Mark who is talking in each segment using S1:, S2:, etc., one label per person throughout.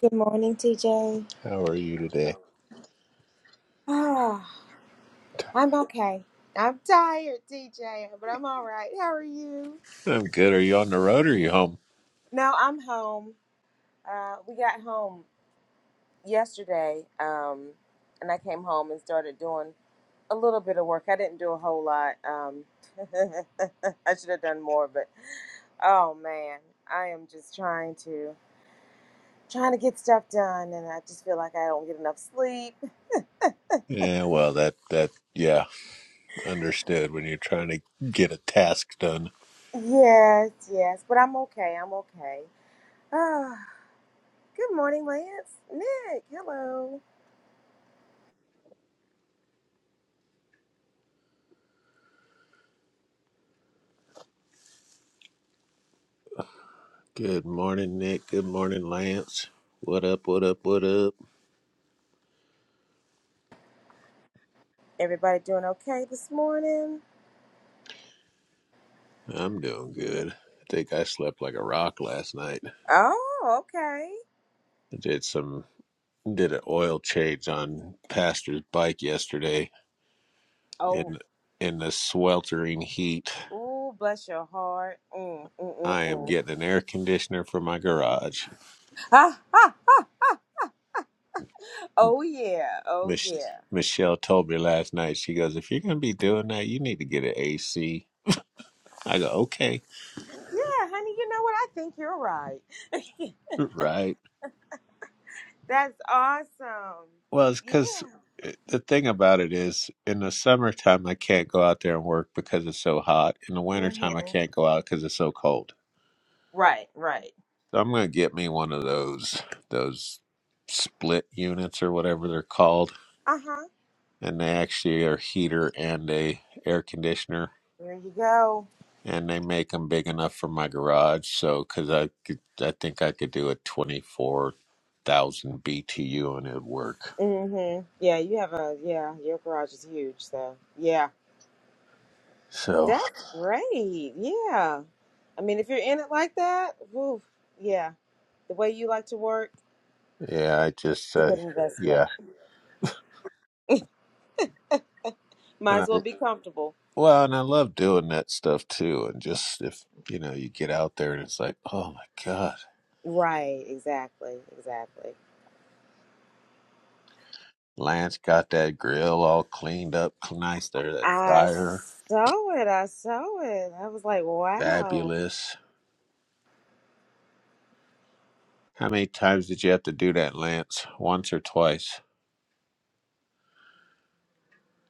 S1: Good morning, TJ.
S2: How are you today?
S1: Ah, I'm okay. I'm tired, TJ, but I'm all right. How are you?
S2: I'm good. Are you on the road or are you home?
S1: No, I'm home. Uh, we got home yesterday, um, and I came home and started doing a little bit of work. I didn't do a whole lot. Um, I should have done more, but oh man, I am just trying to trying to get stuff done, and I just feel like I don't get enough sleep.
S2: Yeah, well, that, that, yeah, understood when you're trying to get a task done.
S1: Yes, yes, but I'm okay. I'm okay. Good morning, Lance. Nick, hello.
S2: Good morning, Nick. Good morning, Lance. What up, what up, what up?
S1: Everybody doing okay this morning?
S2: I'm doing good. I think I slept like a rock last night.
S1: Oh, okay.
S2: I did some, did an oil change on Pastor's bike yesterday
S1: Oh,
S2: in, in the sweltering heat.
S1: ooh, bless your heart. Mm, mm, mm,
S2: I am
S1: mm.
S2: getting an air conditioner for my garage.
S1: Ha, ha, ha. Oh, yeah. Oh,
S2: Mich-
S1: yeah.
S2: Michelle told me last night, she goes, if you're going to be doing that, you need to get an AC. I go, okay,
S1: Yeah, honey, you know what? I think you're right.
S2: right.
S1: That's awesome.
S2: Well, it's
S1: Yeah.
S2: because the thing about it is in the summertime, I can't go out there and work because it's so hot. In the
S1: hmm
S2: wintertime, I can't go out because it's so cold.
S1: Right, right.
S2: So I'm going to get me one of those, those split units or whatever they're called.
S1: Uh huh.
S2: And they actually are heater and a air conditioner
S1: There you go.
S2: and they make them big enough for my garage. So, because I could, I think I could do a twenty-four thousand BTU and it'd work.
S1: Mm-hmm. Yeah, you have a, yeah, your garage is huge. So, yeah.
S2: So,
S1: That's great. Yeah. I mean, if you're in it like that, whew, yeah, the way you like to work,
S2: yeah, I just,
S1: it's a
S2: uh,
S1: good investment.
S2: yeah,
S1: Might
S2: and
S1: as
S2: I
S1: well be comfortable.
S2: well, and I love doing that stuff too. And just if you know, you get out there and it's like, oh my god,
S1: Right, exactly, exactly.
S2: Lance got that grill all cleaned up, nice there, that
S1: I
S2: fryer,
S1: saw it. I saw it. I was like, wow.
S2: fabulous. How many times did you have to do that, Lance? Once or twice?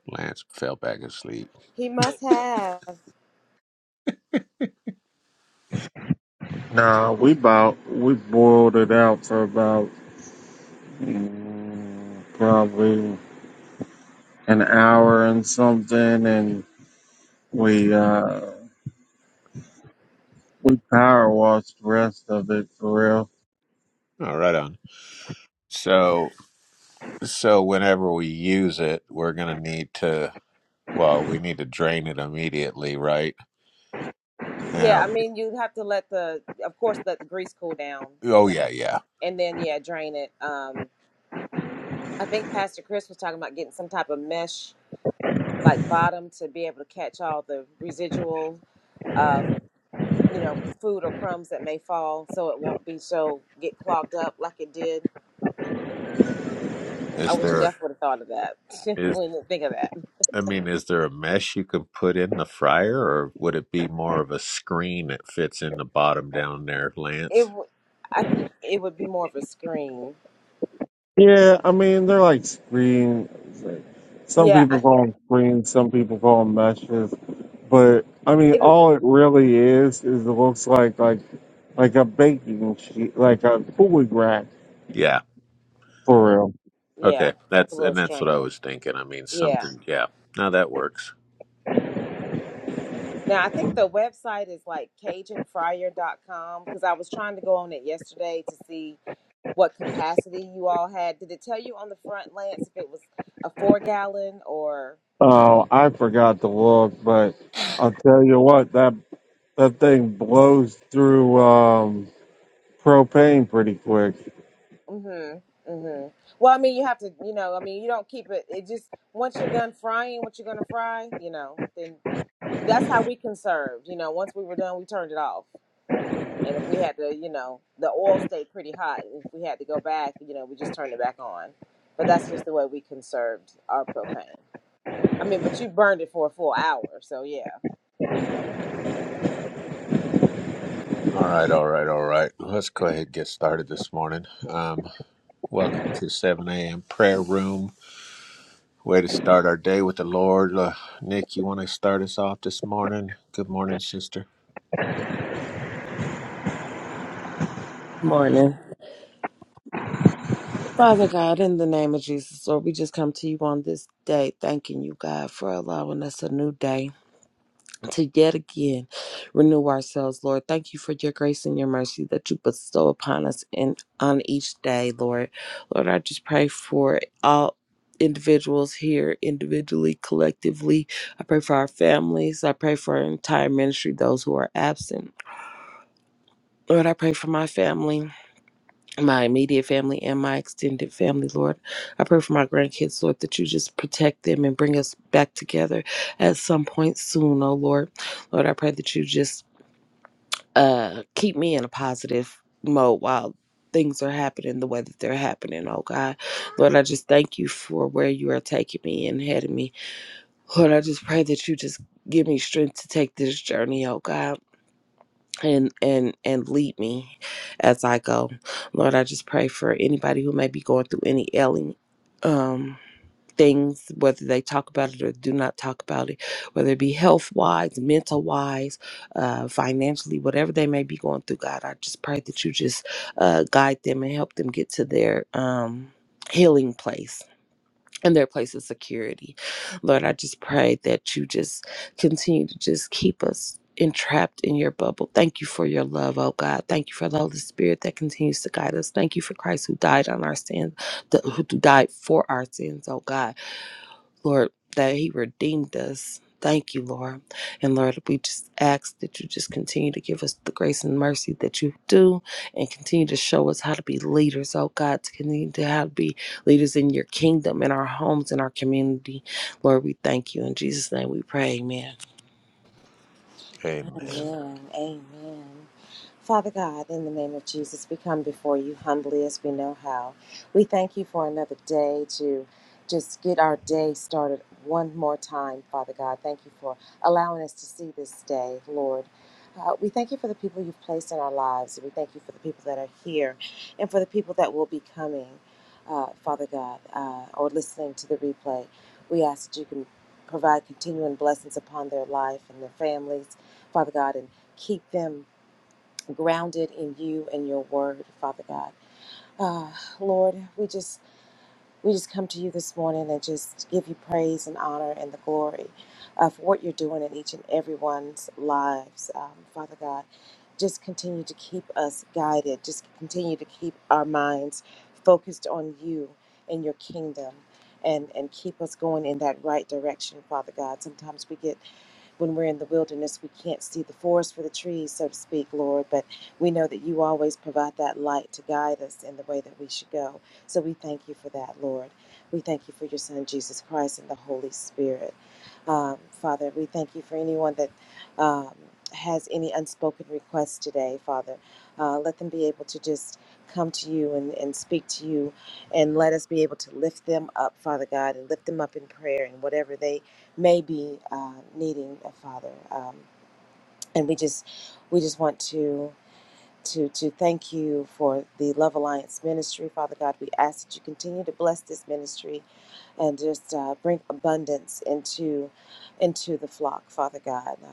S2: Lance fell back asleep.
S1: He must have.
S3: Nah, we about we boiled it out for about mm, probably an hour and something, and we uh we power washed the rest of it for real.
S2: Oh, right on. So, so whenever we use it, we're gonna need to, well, we need to drain it immediately, right?
S1: Yeah,
S2: Now,
S1: I mean, you have to let the, of course, let the grease cool down, you
S2: oh
S1: know,
S2: yeah, yeah.
S1: and then, yeah, drain it. Um, I think Pastor Chris was talking about getting some type of mesh, like bottom, to be able to catch all the residual uh, you know, food or crumbs that may fall so it won't be so get clogged up like it did. I
S2: Is
S1: wish
S2: there
S1: Jeff would have thought of that.
S2: is
S1: when not think of that,
S2: I mean, is there a mesh you can put in the fryer, or would it be more of a screen that fits in the bottom down there,
S1: it
S2: Lance?
S1: w- I think it would be more of a screen.
S3: Yeah, I mean they're like screen. Some
S1: Yeah, I,
S3: people call them screens, some people call them meshes, but I mean
S1: it
S3: all it really is is it looks like like like a baking sheet, like a cooling rack
S2: Yeah.
S3: for real.
S1: yeah,
S2: Okay.
S1: like a
S2: That's
S1: little
S2: and that's what I
S1: strainer.
S2: was thinking. I mean,
S1: Yeah.
S2: something. Yeah. No, that works.
S1: Now I think the website is like cajun fryer dot com because I was trying to go on it yesterday to see what capacity you all had. Did it tell you on the front, Lance, if it was a four gallon or?
S3: Oh, I forgot to look, but I'll tell you what, that that thing blows through um, propane pretty quick.
S1: Mhm. Mhm. Well, I mean, you have to, you know, I mean, you don't keep it. It just once you're done frying what you're gonna fry, you know, then that's how we conserved. You know, once we were done, we turned it off. And if we had to, you know, the oil stayed pretty hot. And if we had to go back, you know, we just turned it back on. But that's just the way we conserved our propane. I mean, but you burned it for a full hour, so yeah.
S2: All right, all right, all right. Let's go ahead and get started this morning. Um, welcome to 7 a.m. prayer room. Way to start our day with the Lord. Uh, Nick, you want to start us off this morning? Good morning, sister.
S4: Morning. Father God, in the name of Jesus, Lord, we just come to you on this day, thanking you, God, for allowing us a new day to yet again renew ourselves, Lord. Thank you for your grace and your mercy that you bestow upon us in on each day, Lord. Lord, I just pray for all individuals here individually collectively i pray for our families i pray for our entire ministry those who are absent lord i pray for my family my immediate family and my extended family, Lord. I pray for my grandkids, Lord, that you just protect them and bring us back together at some point soon, oh Lord. Lord, I pray that you just uh keep me in a positive mode while things are happening the way that they're happening, oh God. Lord, I just thank you for where you are taking me and heading me. Lord, I just pray that you just give me strength to take this journey, oh God and and and lead me as I go. Lord, I just pray for anybody who may be going through any ailing um things, whether they talk about it or do not talk about it, whether it be health wise, mental wise, uh financially, whatever they may be going through, God, I just pray that you just uh guide them and help them get to their um healing place and their place of security. Lord, I just pray that you just continue to just keep us entrapped in your bubble. Thank you for your love, oh God. Thank you for the Holy Spirit that continues to guide us. Thank you for Christ who died on our sins, th- who died for our sins, oh God. Lord, that He redeemed us. Thank you, Lord. And Lord, we just ask that you just continue to give us the grace and mercy that you do and continue to show us how to be leaders, oh God, to continue to how to be leaders in your kingdom, in our homes, in our community. Lord, we thank you. In Jesus' name we pray. Amen.
S2: Amen.
S1: Amen. Amen. Father God, in the name of Jesus, we come before you humbly as we know how. We thank you for another day to just get our day started one more time, Father God. Thank you for allowing us to see this day, Lord. Uh, we thank you for the people you've placed in our lives. We thank you for the people that are here and for the people that will be coming, uh, Father God, uh, or listening to the replay. We ask that you can provide continuing blessings upon their life and their families Father God, and keep them grounded in you and your word, Father God. Uh, Lord, we just we just come to you this morning and just give you praise and honor and the glory uh, for what you're doing in each and everyone's lives, um, Father God. Just continue to keep us guided. Just continue to keep our minds focused on you and your kingdom, and and keep us going in that right direction, Father God. Sometimes we get when we're in the wilderness, we can't see the forest for the trees, so to speak, Lord. But we know that you always provide that light to guide us in the way that we should go. So we thank you for that, Lord. We thank you for your Son, Jesus Christ, and the Holy Spirit. Um, Father, we thank you for anyone that um, has any unspoken requests today, Father. Uh, let them be able to just come to you and, and speak to you, and let us be able to lift them up, Father God, and lift them up in prayer and whatever they may be uh, needing a father, um, and we just we just want to to to thank you for the Love Alliance ministry, Father God. We ask that you continue to bless this ministry and just uh, bring abundance into into the flock, Father God. Uh,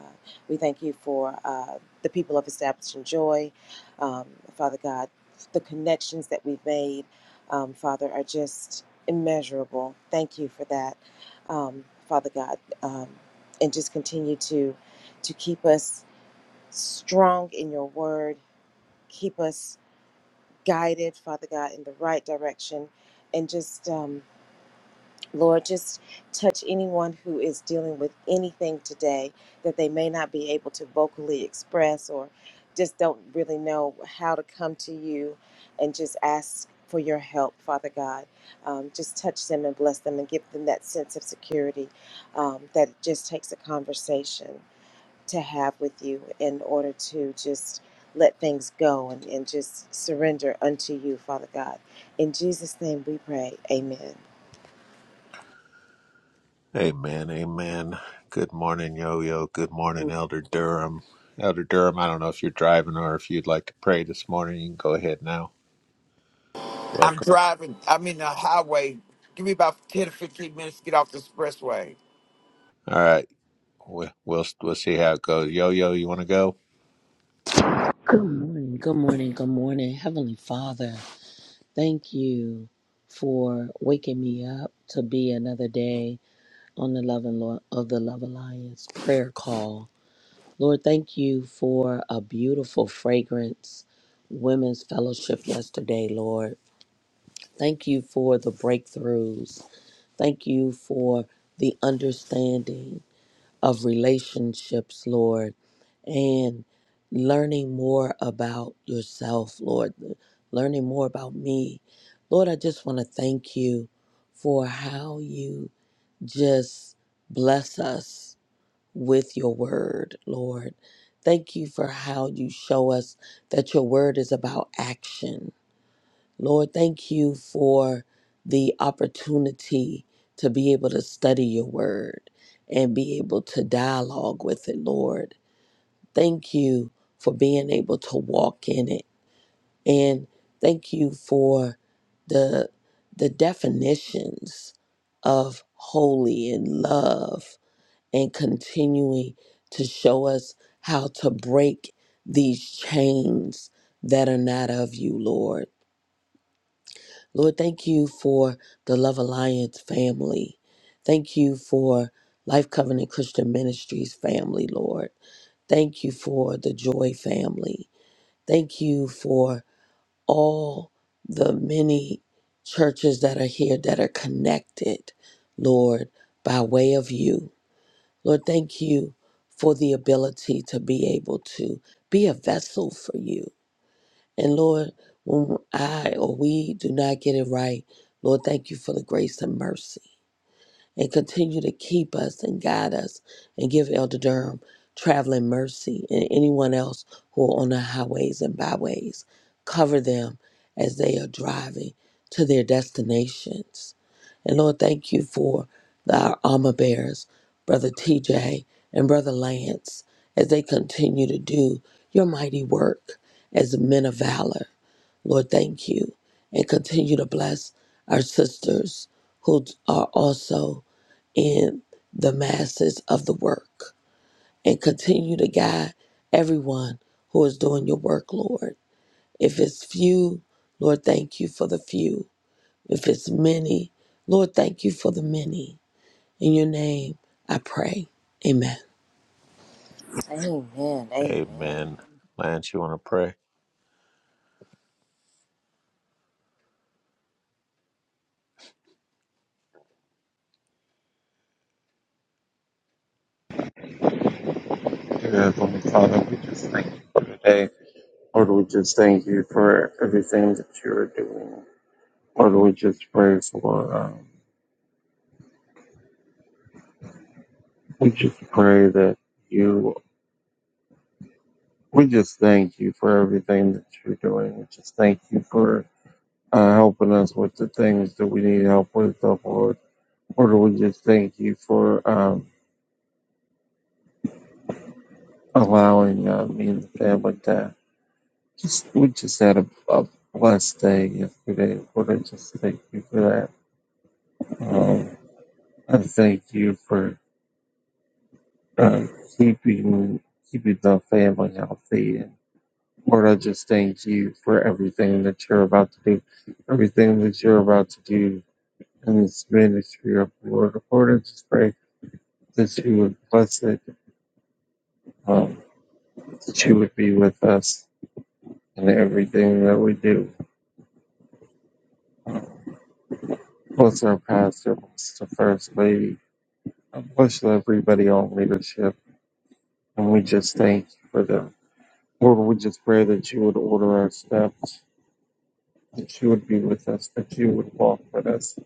S1: we thank you for uh, the people of Establishing Joy, um, Father God. The connections that we've made, um, Father, are just immeasurable. Thank you for that, um, Father God, um, and just continue to to keep us strong in your word keep us guided, Father God, in the right direction. And just, um, Lord, just touch anyone who is dealing with anything today that they may not be able to vocally express or just don't really know how to come to you and just ask for your help, Father God. Um, just touch them and bless them and give them that sense of security um, that it just takes a conversation to have with you in order to just let things go and, and just surrender unto you, Father God. In Jesus' name we pray. Amen.
S2: Amen. Amen. Good morning, Yo Yo. Good morning, Elder Durham. Elder Durham, I don't know if you're driving or if you'd like to pray this morning. You can go ahead now.
S5: I'm
S2: Welcome.
S5: driving. I'm in the highway. Give me about 10 to 15 minutes to get off the expressway.
S2: All right. We- We'll, we'll see how it goes. Yo Yo, you want to go?
S6: Good morning, good morning, good morning. Heavenly Father, thank you for waking me up to be another day on the Love and Lo- of the Love Alliance prayer call. Lord, thank you for a beautiful fragrance women's fellowship yesterday, Lord. Thank you for the breakthroughs. Thank you for the understanding of relationships, Lord and learning more about yourself, Lord, learning more about me. Lord, I just want to thank you for how you just bless us with your word, Lord. Thank you for how you show us that your word is about action. Lord, thank you for the opportunity to be able to study your word and be able to dialogue with it, Lord Thank you for being able to walk in it. And thank you for the the definitions of holy and love and continuing to show us how to break these chains that are not of you, Lord. Lord, thank you for the Love Alliance family. Thank you for Life Covenant Christian Ministries family, Lord. Thank you for the Joy family. Thank you for all the many churches that are here that are connected, Lord, by way of you. Lord, thank you for the ability to be able to be a vessel for you. And Lord, when I or we do not get it right, Lord, thank you for the grace and mercy and continue to keep us and guide us and give Elder Durham traveling mercy and anyone else who are on the highways and byways. Cover them as they are driving to their destinations. And Lord, thank you for our armor bearers, Brother TJ and Brother Lance, as they continue to do your mighty work as men of valor. Lord, thank you. And continue to bless our sisters who are also in the masses of the work and continue to guide everyone who is doing your work, Lord. If it's few, Lord, thank you for the few. If it's many, Lord, thank you for the many. In your name, I pray. Amen.
S1: Amen. Amen.
S2: Amen. Lance, you want to pray?
S3: Dear Heavenly Father, we just thank you for today. Lord, we just thank you for everything that you are doing. Lord, we just pray for, um, we just pray that you, we just thank you for everything that you're doing. We just thank you for uh, helping us with the things that we need help with, oh, Lord. Lord, we just thank you for. Um, allowing uh, me and the family to just we just had a, a blessed day yesterday. Lord, I just thank you for that. Um, I thank you for uh, keeping keeping the family healthy. And Lord, I just thank you for everything that you're about to do, everything that you're about to do in this ministry of the Lord. Lord, I just pray that you would bless it, um, that you would be with us in everything that we do. What's our pastor? What's the first lady? and Bless everybody on leadership. And we just thank you for them. Lord, we just pray that you would order our steps, that you would be with us, that you would walk with us,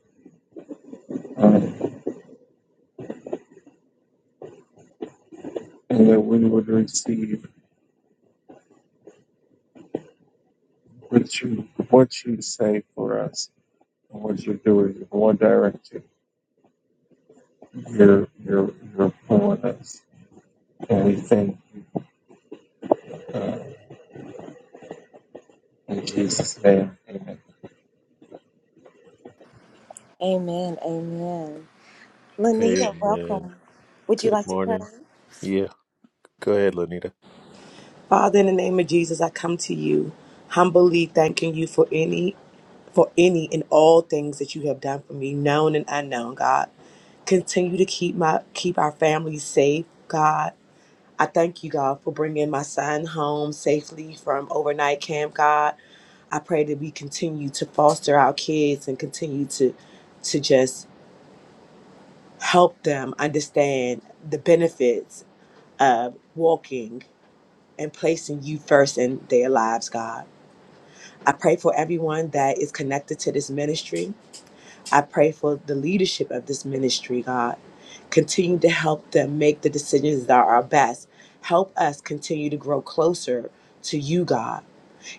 S3: um, and that we would receive what you, what you say for us and what you're doing, in what direction you're, you're, you're pulling us. And we thank you, uh, in Jesus' name. Amen.
S1: Amen. Amen. Lanita,
S2: Amen.
S1: welcome. Would you
S2: Good
S1: like to pray?
S2: morning. Yeah, go ahead, Lenita.
S7: Father, in the name of Jesus, I come to you humbly thanking you for any for any and all things that you have done for me, known and unknown, God. Continue to keep my keep our families safe, God. I thank you, God, for bringing my son home safely from overnight camp, God. I pray that we continue to foster our kids and continue to to just help them understand the benefits of walking and placing you first in their lives, God. I pray for everyone that is connected to this ministry. I pray for the leadership of this ministry, God. Continue to help them make the decisions that are best. Help us continue to grow closer to you, God.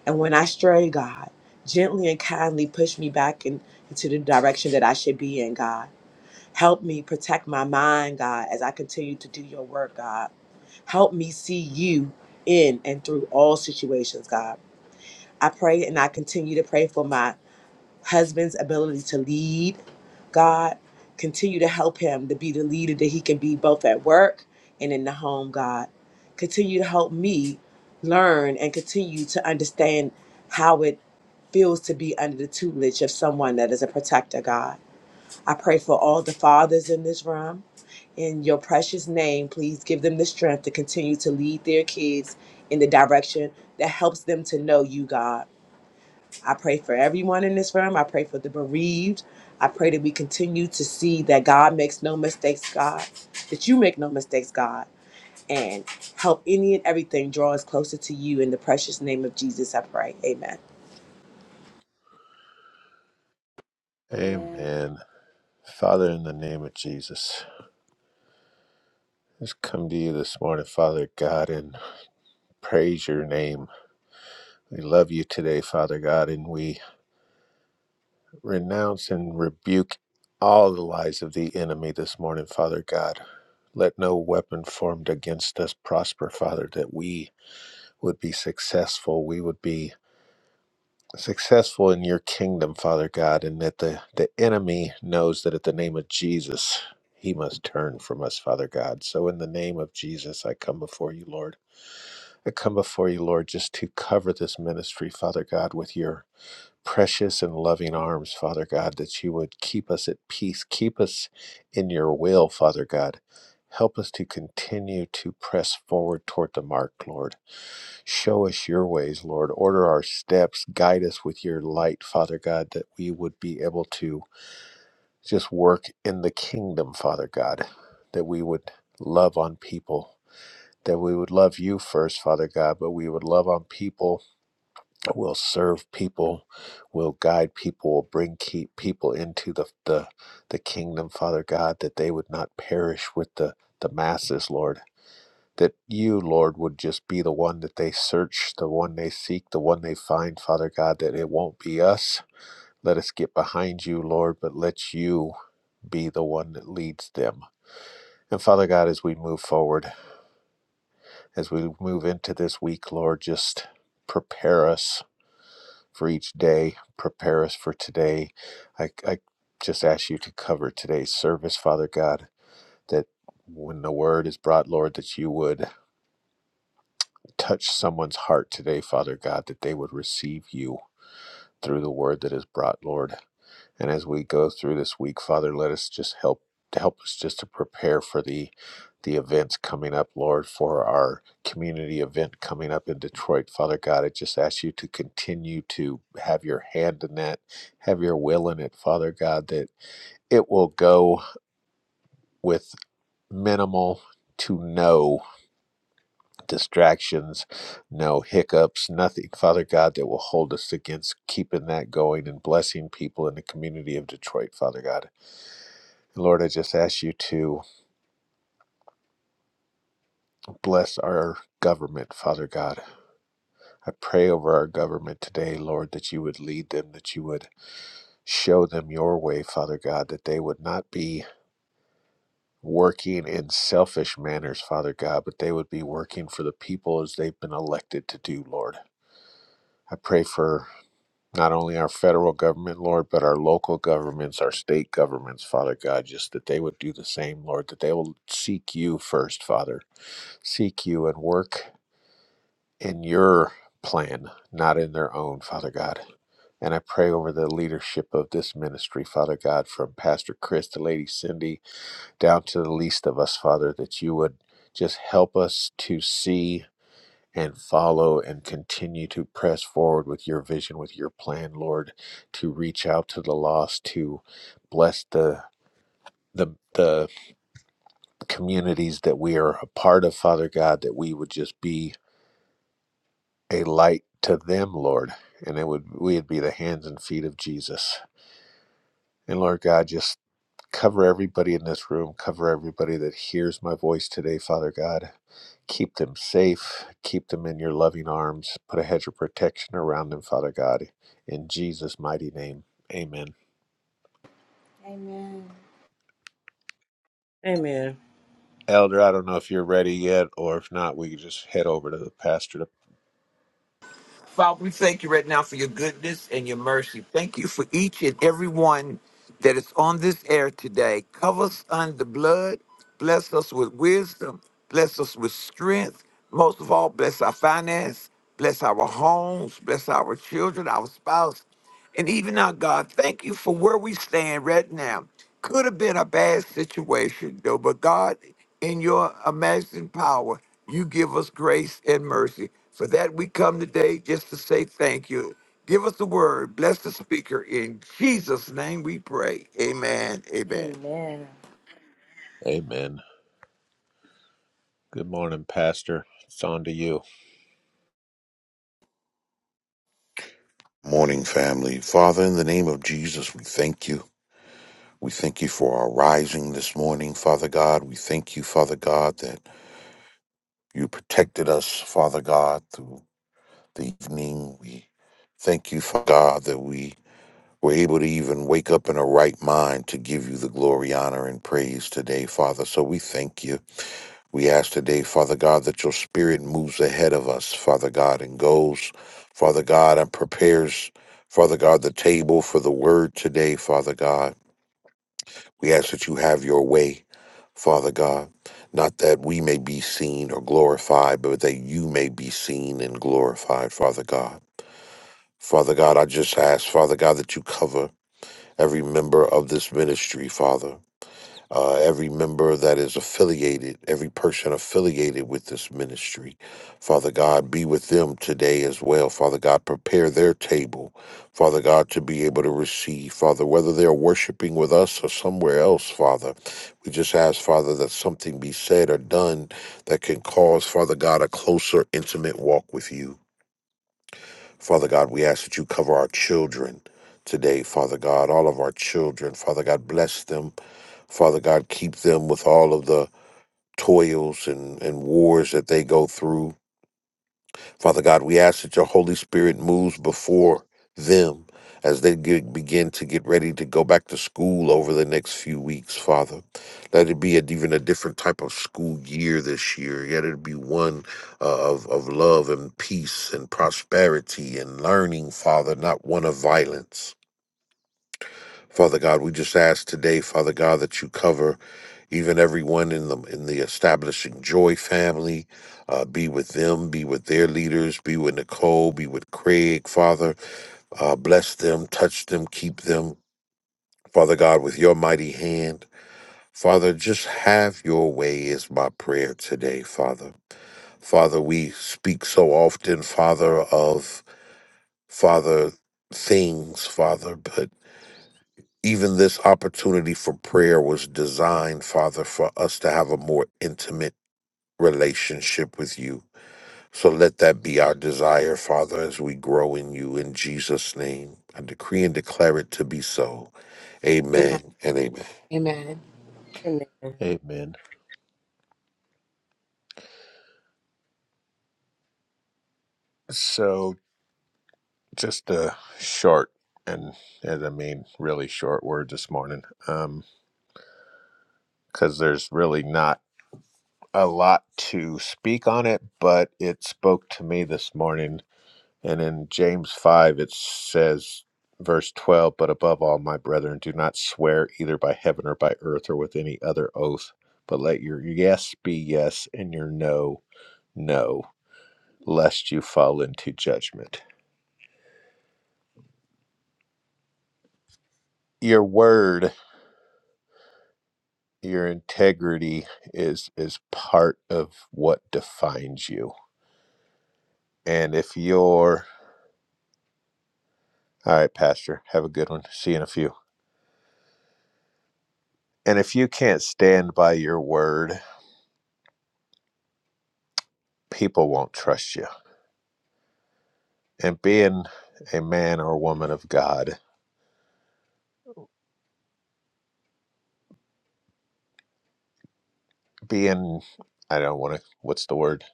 S7: And when I stray, God, gently and kindly push me back in- into the direction that I should be in, God. Help me protect my mind, God, as I continue to do your work, God. Help me see you in and through all situations, God. I pray and I continue to pray for my husband's ability to lead. God, continue to help him to be the leader that he can be both at work and in the home, God. Continue to help me learn and continue to understand how it feels to be under the tutelage of someone that is a protector, God. I pray for all the fathers in this room. In your precious name, please give them the strength to continue to lead their kids in the direction that helps them to know you, God I pray for everyone in this room. I pray for the bereaved. I pray that we continue to see that God makes no mistakes, God, that you make no mistakes, God, and help any and everything draw us closer to you. In the precious name of Jesus, I pray. Amen.
S1: Amen.
S2: Amen. Father, in the name of Jesus, just come to you this morning, Father God, and praise your name. We love you today, Father God, and we renounce and rebuke all the lies of the enemy this morning, Father God. Let no weapon formed against us prosper, Father, that we would be successful. We would be successful in your kingdom, Father God, and that the, the enemy knows that at the name of Jesus, he must turn from us, Father God. So, in the name of Jesus, I come before you, Lord. I come before you, Lord, just to cover this ministry, Father God, with your precious and loving arms, Father God, that you would keep us at peace, keep us in your will, Father God. Help us to continue to press forward toward the mark, Lord. Show us your ways, Lord. Order our steps. Guide us with your light, Father God, that we would be able to just work in the kingdom, Father God, that we would love on people, that we would love you first, Father God, but we would love on people. We'll serve people. We'll guide people. We'll bring keep people into the, the, the kingdom, Father God, that they would not perish with the, the masses, Lord that you, Lord, would just be the one that they search, the one they seek, the one they find, Father God, that it won't be us. Let us get behind you, Lord, but let you be the one that leads them. And Father God, as we move forward, as we move into this week, Lord, just prepare us for each day, prepare us for today. I, I just ask you to cover today's service, Father God, that when the word is brought, Lord, that you would Touch someone's heart today, Father God, that they would receive you through the word that is brought, Lord. And as we go through this week, Father, let us just help to help us just to prepare for the the events coming up, Lord, for our community event coming up in Detroit. Father God, I just ask you to continue to have your hand in that, have your will in it, Father God, that it will go with minimal to no distractions, no hiccups, nothing, Father God, that will hold us against keeping that going and blessing people in the community of Detroit, Father God. Lord, I just ask you to bless our government, Father God. I pray over our government today, Lord, that you would lead them, that you would show them your way, Father God, that they would not be working in selfish manners, Father God, but they would be working for the people as they've been elected to do, Lord. I pray for not only our federal government, Lord, but our local governments, our state governments, Father God, just that they would do the same, Lord, that they will seek you first, Father. Seek you and work in your plan, not in their own, Father God. And I pray over the leadership of this ministry, Father God, from Pastor Chris to Lady Cindy down to the least of us, Father, that you would just help us to see and follow and continue to press forward with your vision, with your plan, Lord, to reach out to the lost, to bless the the the communities that we are a part of, Father God, that we would just be a light to them, Lord, and it would we would be the hands and feet of Jesus. And Lord God, just cover everybody in this room, cover everybody that hears my voice today, Father God. Keep them safe. Keep them in your loving arms. Put a hedge of protection around them, Father God. In Jesus' mighty name, amen.
S1: Amen.
S4: Amen.
S2: Elder, I don't know if you're ready yet, or if not, we can just head over to the pastor. To...
S5: Father, we thank you right now for your goodness and your mercy. Thank you for each and every one that is on this air today. Cover us under the blood. Bless us with wisdom. Bless us with strength. Most of all, bless our finance. Bless our homes. Bless our children, our spouse. And even now, God, thank you for where we stand right now. Could have been a bad situation, though, but God, in your amazing power, you give us grace and mercy. For that, we come today just to say thank you. Give us the word. Bless the speaker. In Jesus' name we pray. Amen. Amen.
S1: Amen.
S2: Amen. Good morning, Pastor. It's on to you.
S8: Morning, family. Father, in the name of Jesus, we thank you. We thank you for our rising this morning, Father God. We thank you, Father God, that you protected us, Father God, through the evening. We thank you, Father God, that we were able to even wake up in a right mind to give you the glory, honor, and praise today, Father. So we thank you. We ask today, Father God, that your spirit moves ahead of us, Father God, and goes, Father God, and prepares, Father God, the table for the word today, Father God. We ask that you have your way, Father God, not that we may be seen or glorified, but that you may be seen and glorified, Father God. Father God, I just ask, Father God, that you cover every member of this ministry, Father uh, every member that is affiliated, every person affiliated with this ministry. Father God, be with them today as well. Father God, prepare their table, Father God, to be able to receive. Father, whether they're worshiping with us or somewhere else, Father, we just ask, Father, that something be said or done that can cause, Father God, a closer, intimate walk with you. Father God, we ask that you cover our children today, Father God, all of our children. Father God, bless them. Father God, keep them with all of the toils and, and wars that they go through. Father God, we ask that your Holy Spirit moves before them as they get, begin to get ready to go back to school over the next few weeks, Father. Let it be a, even a different type of school year this year. Yet it be one uh, of, of love and peace and prosperity and learning, Father, not one of violence. Father God, we just ask today, Father God, that you cover even everyone in the in the establishing joy family. Uh, be with them, be with their leaders, be with Nicole, be with Craig, Father. Uh, bless them, touch them, keep them, Father God, with your mighty hand. Father, just have your way is my prayer today, Father. Father, we speak so often, Father, of Father things, Father, but even this opportunity for prayer was designed, Father, for us to have a more intimate relationship with you. So let that be our desire, Father, as we grow in you. In Jesus' name, I decree and declare it to be so.
S7: Amen.
S8: Amen and amen.
S7: Amen.
S4: Amen.
S2: Amen. So, just a short and, and I mean, really short word this morning, um, because there's really not a lot to speak on it, but it spoke to me this morning And in James 5, it says, verse 12, but above all, my brethren, do not swear either by heaven or by earth or with any other oath, but let your yes be yes and your no, no, lest you fall into judgment. Your word, your integrity is is part of what defines you. And if you're all right, Pastor, have a good one. See you in a few. And if you can't stand by your word, people won't trust you and being a man or woman of God, being I don't want to what's the word?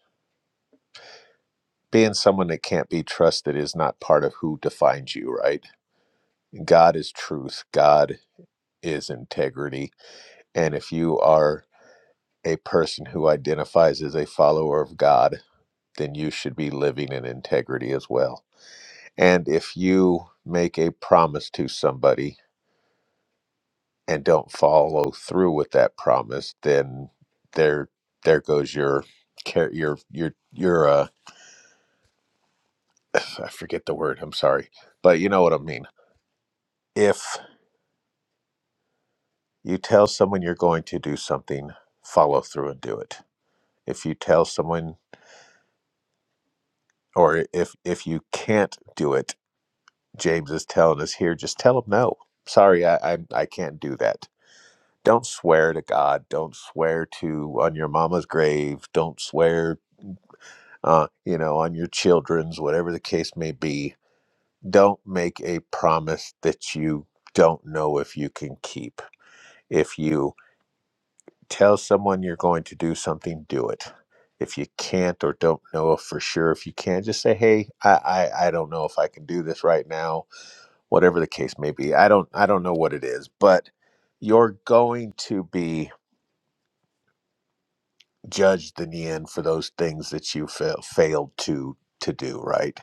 S2: Being someone that can't be trusted is not part of who defines you, right? God is truth, God is integrity. And if you are a person who identifies as a follower of God, then you should be living in integrity as well. And if you make a promise to somebody and don't follow through with that promise, then there there goes your care your your your uh I forget the word, I'm sorry. But you know what I mean. If you tell someone you're going to do something, follow through and do it. If you tell someone or if if you can't do it, James is telling us here, just tell them no. Sorry, I I, I can't do that. Don't swear to God. Don't swear to on your mama's grave. Don't swear uh, you know, on your children's, whatever the case may be. Don't make a promise that you don't know if you can keep. If you tell someone you're going to do something, do it. If you can't or don't know for sure if you can, just say, "Hey, I, I I don't know if I can do this right now." Whatever the case may be, I don't I don't know what it is, but you're going to be judged in the end for those things that you fail, failed to to do right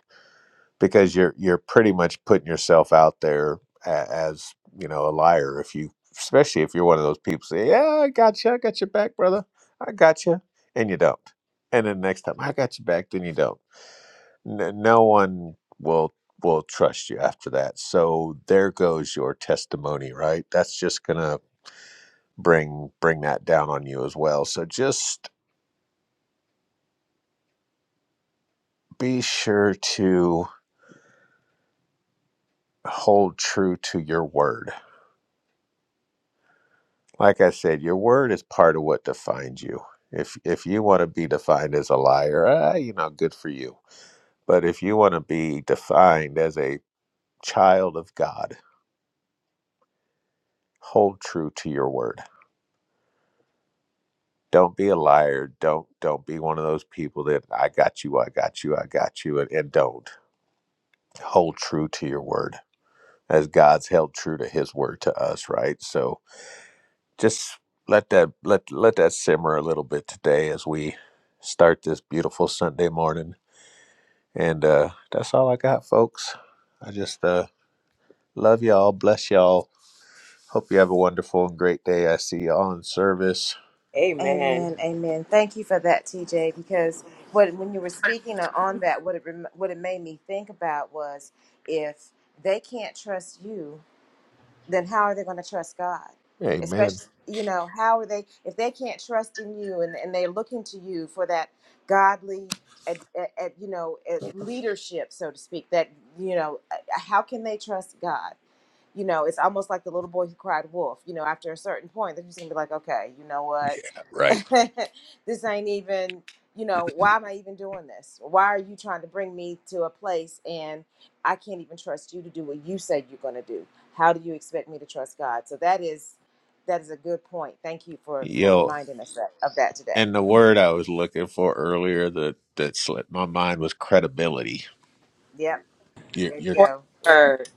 S2: because you're you're pretty much putting yourself out there a- as you know a liar if you especially if you're one of those people say yeah i got you i got your back brother i got you and you don't and then next time i got your back then you don't N- no one will will trust you after that so there goes your testimony right that's just gonna bring bring that down on you as well so just be sure to hold true to your word Like I said, your word is part of what defines you. If if you want to be defined as a liar, ah, you know, good for you. But if you want to be defined as a child of God, hold true to your word. Don't be a liar. Don't don't be one of those people that I got you, I got you, I got you, and, and don't hold true to your word as God's held true to His word to us, right? So just let that let let that simmer a little bit today as we start this beautiful Sunday morning And uh, that's all I got, folks. I just uh, love y'all. Bless y'all. Hope you have a wonderful and great day. I see y'all in service.
S7: Amen.
S1: Amen. Amen. Thank you for that, TJ, because what when you were speaking on that, what it rem- what it made me think about was if they can't trust you, then how are they going to trust God?
S2: Amen.
S1: Especially, you know, how are they, if they can't trust in you and, and they're looking to you for that godly, at, at, you know, at leadership, so to speak, that, you know, uh, how can they trust God? you know, it's almost like the little boy who cried wolf. You know, after a certain point, they're just gonna be like, okay, you know what?
S2: Yeah, right.
S1: this ain't even, you know, why am I even doing this? Why are you trying to bring me to a place and I can't even trust you to do what you said you're gonna do? How do you expect me to trust God? So that is that is a good point. Thank you for for
S2: Yo,
S1: reminding us that, of that today.
S2: and the word I was looking for earlier that, that slipped my mind was credibility.
S1: Yep.
S2: Your,
S1: There you
S2: your
S7: Important
S1: go. Yep.
S7: word.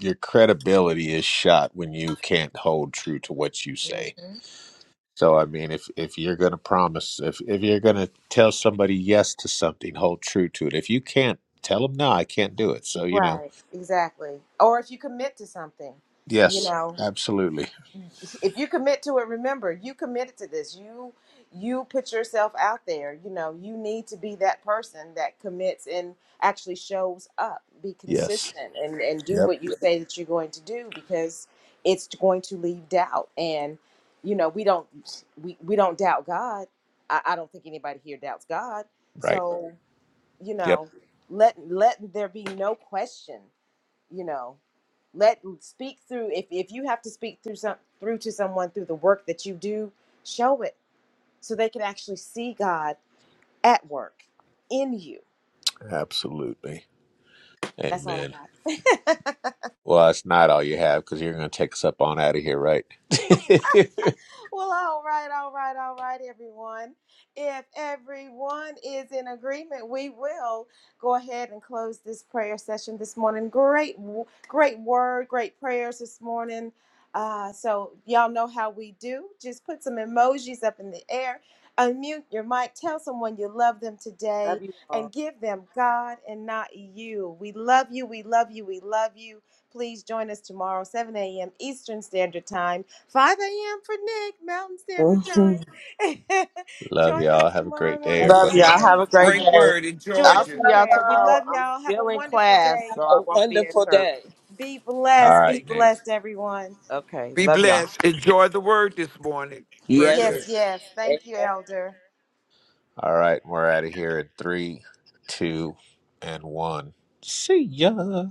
S2: your credibility is shot when you can't hold true to what you
S1: hmm
S2: say. So I mean, if if you're gonna promise, if if you're gonna tell somebody yes to something, hold true to it. If you can't tell them no, I can't do it. So you know,
S1: Right. Exactly. Or if you commit to something, you
S2: Yes,
S1: know.
S2: absolutely.
S1: if you commit to it remember you committed to this you you put yourself out there you know you need to be that person that commits and actually shows up be
S2: Yes.
S1: consistent and and do
S2: Yep.
S1: what you say that you're going to do because it's going to leave doubt and you know we don't we, we don't doubt god I, I don't think anybody here doubts god
S2: Right.
S1: so you
S2: Yep.
S1: know let let there be no question you know let speak through if, if you have to speak through some through to someone through the work that you do show it so they can actually see god at work in you
S2: Absolutely.
S1: that's all
S2: Amen.
S1: i got
S2: Well, it's not all you have because you're going to take us up on out of here, right?
S1: Well, all right, all right, all right, everyone. If everyone is in agreement, we will go ahead and close this prayer session this morning. Great, great word, great prayers this morning. Uh, so, y'all know how we do. Just put some emojis up in the air, unmute your mic, tell someone you love them today,
S7: Love you all. Love
S1: and give them God and not you. We love you, we love you, we love you. Please join us tomorrow, 7 a.m. Eastern Standard Time. 5 a.m. for Nick, Mountain Standard Time.
S4: Mhm.
S2: Love
S1: join us
S2: y'all. Have a
S1: tomorrow
S2: great day,
S7: you.
S1: morning
S4: Love
S1: and
S2: everybody.
S4: y'all. Have
S1: please
S4: a great
S1: come
S5: Great
S1: in.
S4: day.
S5: word in
S1: Join us
S4: I'll
S5: Georgia.
S4: see
S1: in
S4: y'all
S1: prayer. We
S4: tomorrow.
S1: love
S4: I'm
S1: y'all. Have a
S4: still in
S1: wonderful
S4: class,
S1: day.
S4: so
S6: A
S4: I won't be at
S6: wonderful
S4: church.
S6: day.
S1: Be
S2: All
S1: blessed. Be
S2: right,
S5: Thank
S2: Nick.
S5: you.
S1: blessed, everyone.
S4: Okay.
S5: Be
S4: Love y'all.
S5: blessed. Enjoy the word this morning. Very
S6: Yes,
S2: Yeah.
S1: Yes,
S5: good.
S1: yes. Thank you, Elder.
S2: All right. We're out of here in three, two, and one. See ya.